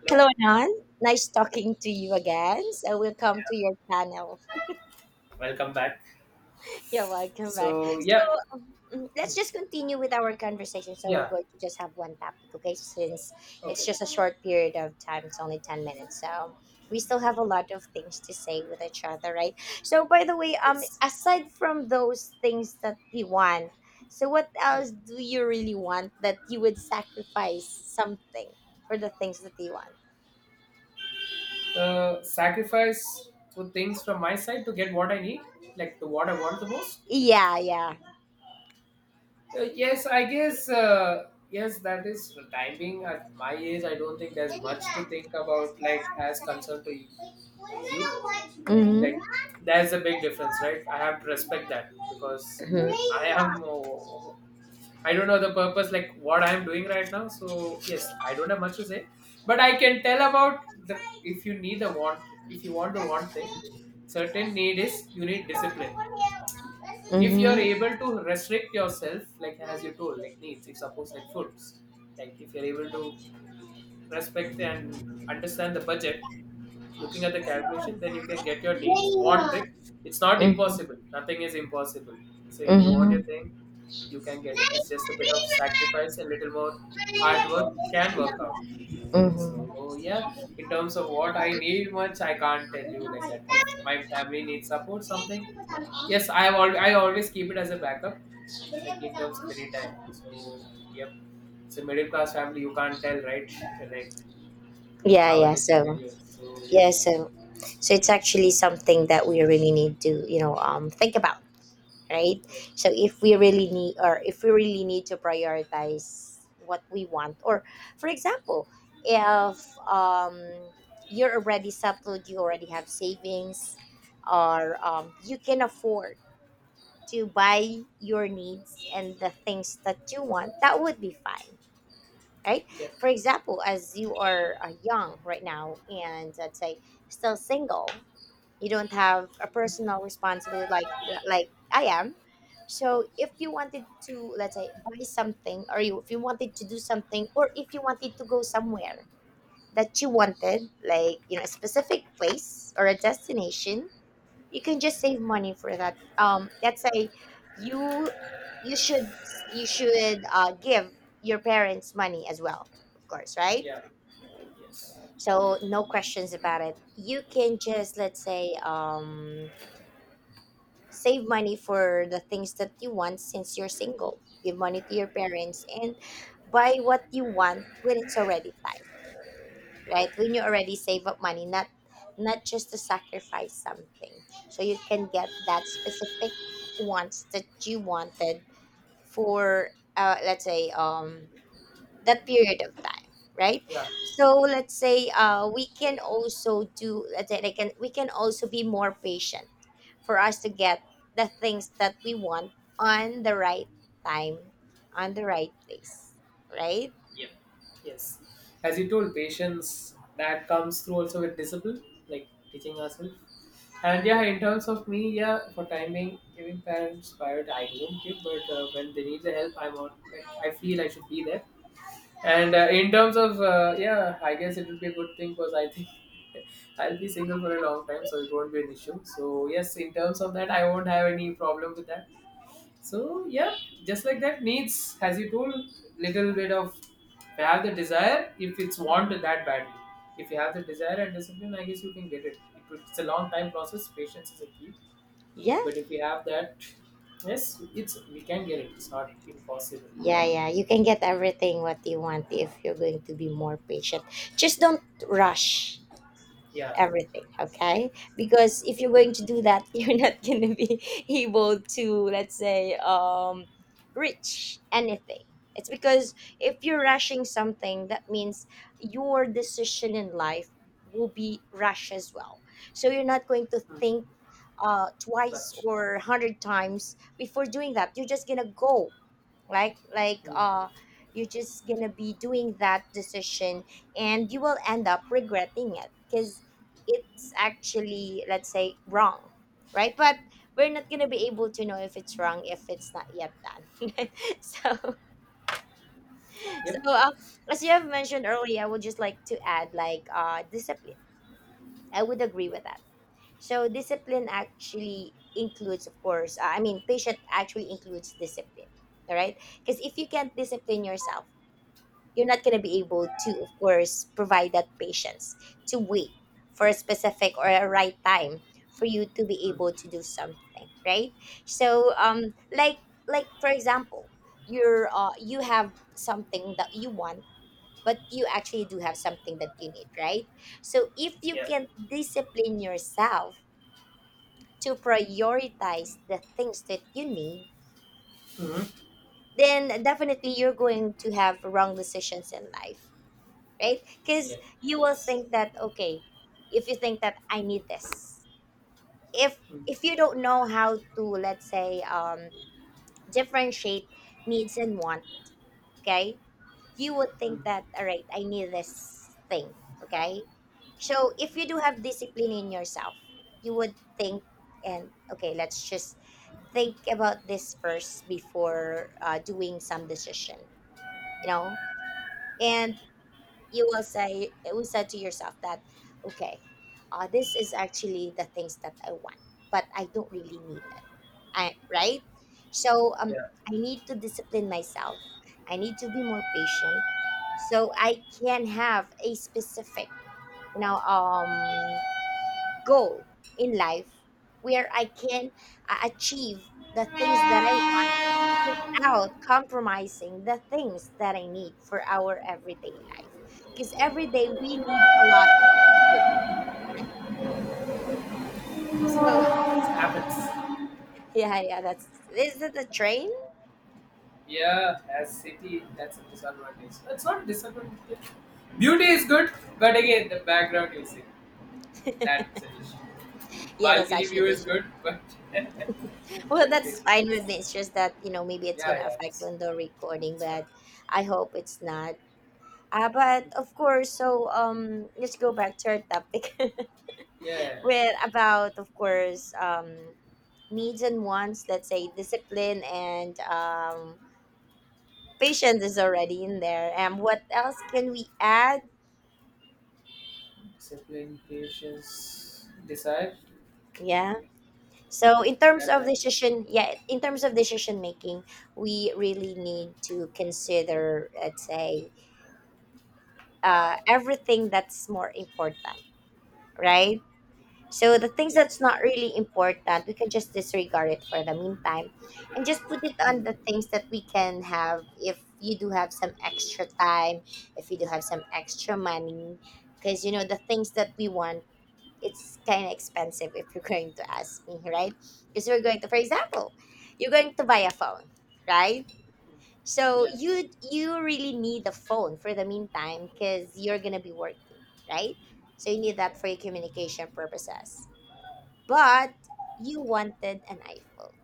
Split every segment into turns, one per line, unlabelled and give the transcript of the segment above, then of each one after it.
Hello.
Hello, Nan. Nice talking to you again. So, welcome to your channel.
Welcome back.
You're welcome back.
So yeah,
Let's just continue with our conversation. So, we're
yeah.
going to just have one topic, okay? Since it's
Okay.
just a short period of time, it's only 10 minutes. So, we still have a lot of things to say with each other, right? So, by the way,
Yes.
aside from those things that you want, so what else do you really want that you would sacrifice something for the things that you want?
The sacrifice to things from my side to get what I need, like the what I want the most.
Yeah, yeah.
Yes, I guess. Yes, that is for time being. At my age, I don't think there's much to think about. Like as concerned to you,
Mhm. Mhm.
like there's a big difference, right? I have to respect that because I am. I don't know the purpose, like what I'm doing right now. So yes, I don't have much to say, but I can tell about the if you need the want, if you want the want thing, certain need is you need discipline. If you are
Mhm.
able to restrict yourself, like as you told, like needs, if suppose like foods, like if you're able to respect and understand the budget, looking at the calculation, then you can get your needs. Want it? It's not
Mhm.
impossible. Nothing is impossible. So if you want your
Mhm.
thing, you can get it. It's just a bit of sacrifice and little more hard work can work out.
Mhm.
So yeah, in terms of what I need much, I can't tell you like that. If my family needs support, something yes, I always keep it as a backup, like in terms of any time. So yep, it's a middle class family. You can't tell right, right
Yeah,
how it
yeah.
is in India. So yeah,
Yeah, so so it's actually something that we really need to, think about, right?
yes.
So if we really need or if we really need to prioritize what we want, or for example, if you're already settled, you already have savings, or you can afford to buy your needs and the things that you want, that would be fine. Right.
Yeah.
For example, as you are young right now, and let's say still single, you don't have a personal responsibility like I am. So if you wanted to, let's say, buy something, or you if you wanted to do something, or if you wanted to go somewhere that you wanted, like, you know, a specific place or a destination, you can just save money for that. Um, let's say you you should you should give your parents money as well, of course, right?
Yeah. Yes.
So no questions about it. You can just, let's say, um, save money for the things that you want since you're single. Give money to your parents and buy what you want when it's already time, right? When you already save up money, not just to sacrifice something. So you can get that specific wants that you wanted for, let's say, um, that period of time, right.
Yeah.
So let's say, we can also do, let's say, they can we can also be more patient for us to get the things that we want on the right time, on the right place, right.
Yeah. Yes. As you told, patience that comes through also with discipline, like teaching ourselves. And yeah, in terms of me, yeah, for timing, giving parents priority, I don't give, but when they need the help, I'm on. Like I feel I should be there. And in terms of yeah, I guess it will be a good thing because I think I'll be single for a long time, so it won't be an issue. So yes, in terms of that, I won't have any problem with that. So yeah, just like that needs, as you told, little bit of if you have the desire, if it's want
Mhm.
that badly. If you have the desire and discipline, I guess you can get it. It's a long time process. Patience is a key.
Yeah,
But if you have that, yes, it's we can get it. It's not impossible.
yeah, yeah, you can get everything what you want if you're going to be more patient. Just don't rush
Yeah.
everything, okay, because if you're going to do that, you're not going to be able to, let's say, reach anything. It's because if you're rushing something, that means your decision in life will be rush as well, so you're not going to
Mm.
think twice
Much.
or 100 times before doing that. You're just gonna go like like
Mm.
uh you're just gonna be doing that decision, and you will end up regretting it because it's actually, let's say, wrong, right? But we're not gonna be able to know if it's wrong if it's not yet done. So so
Yep.
uh, as you have mentioned earlier, I would just like to add, like, discipline. I would agree with that. So discipline actually includes, of course, I mean, patient actually includes discipline, all right, because if you can't discipline yourself, you're not going to be able to, of course, provide that patience to wait for a specific or a right time for you to be
Mm.
able to do something, right. So like, for example, you have something that you want, but you actually do have something that you need, right. So if you
Yeah.
can discipline yourself to prioritize the things that you need,
Mm.
then definitely you're going to have wrong decisions in life, right?
Yeah.
Because you will
Yes.
think that, okay, if you think that I need this, if
Mm.
if you don't know how to, let's say, differentiate needs and want, okay, you would
Mm.
think that, all right, I need this thing, okay. So if you do have discipline in yourself, you would think and, okay, let's just think about this first before doing some decision, you know, and you will say it will say to yourself that, okay, this is actually the things that I want, but I don't really need it, I, right. So
Yeah.
I need to discipline myself, I need to be more patient, so I can have a specific, you know, goal in life, where I can achieve the things that I, without compromising the things that I need for our everyday life. Because every day we need a lot of things, right? So
It happens.
yeah, yeah, that's, is it the train?
Yeah, as city, that's a disadvantage. It's not a disadvantage. Beauty is good, but again, the background you see, that's an issue.
Yeah, that's
Balcony
actually
view
the
is
issue.
good, but
Well,
that face
that's
is-
fine with me. It's just that, you know, maybe it's
yeah,
gonna
yeah,
affect
just
on the recording,
it's fine.
but I hope it's not. But of course, so let's go back to our topic,
Yeah,
with, about, of course, needs and wants. Let's say discipline and patience is already in there. What else can we add?
discipline, patience, desire.
Yeah. So in terms
That,
of
that,
decision, yeah, in terms of decision making, we really need to consider, let's say, everything that's more important, right? So the things
yeah,
that's not really important, we can just disregard it for the meantime, and just put it on the things that we can have. If you do have some extra time, if you do have some extra money, because you know the things that we want, it's kind of expensive if you're going to ask me, right? Because we're going to, for example, you're going to buy a phone, right? So
yeah.
you really need a phone for the meantime because you're gonna be working, right? So you need that for your communication purposes. But you wanted an iPhone,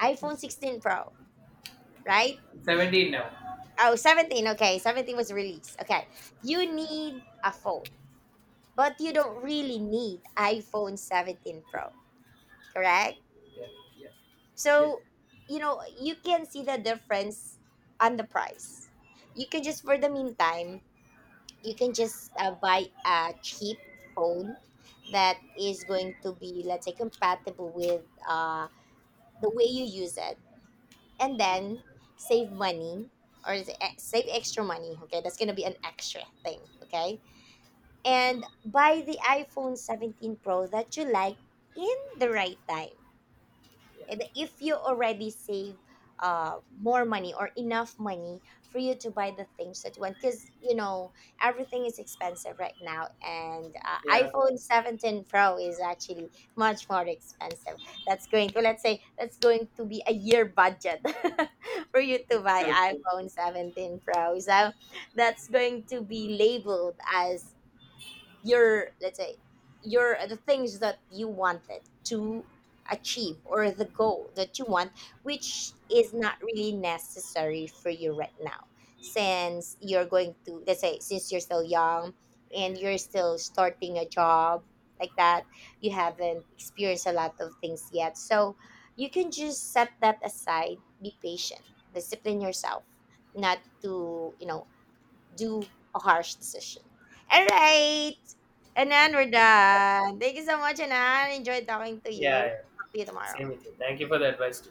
iPhone 16 Pro, right?
17 now.
Oh, 17, okay, 17 was released. Okay, you need a phone, but you don't really need iPhone 17 Pro, correct?
Yeah, yeah, yeah,
So, you know, you can see the difference on the price. You can just, for the meantime, you can just buy a cheap phone that is going to be, let's say, compatible with the way you use it, and
hmm,
then save money, or is it, save extra money. Okay, that's gonna be an extra thing. Okay, and buy the iPhone 17 Pro that you like in the right time.
yeah,
And if you already save more money or enough money for you to buy the things that you want, because you know everything is expensive right now, and
yeah.
iPhone 17 Pro is actually much more expensive. That's going to Let's say that's going to be a year budget for you to buy
True, true.
iPhone 17 Pro. So that's going to be labeled as your, let's say, your, the things that you wanted to achieve, or the goal that you want, which is not really necessary for you right now, since you're going to, let's say, since you're still young and you're still starting a job like that, you haven't experienced a lot of things yet. So you can just set that aside, be patient, discipline yourself not to, you know, do a harsh decision. All right. Anan, we're
Yeah,
done. Thank you so much, Anan. Enjoyed talking to
yeah.
you.
Yeah.
Talk to you tomorrow.
Same with you. Thank you for the advice.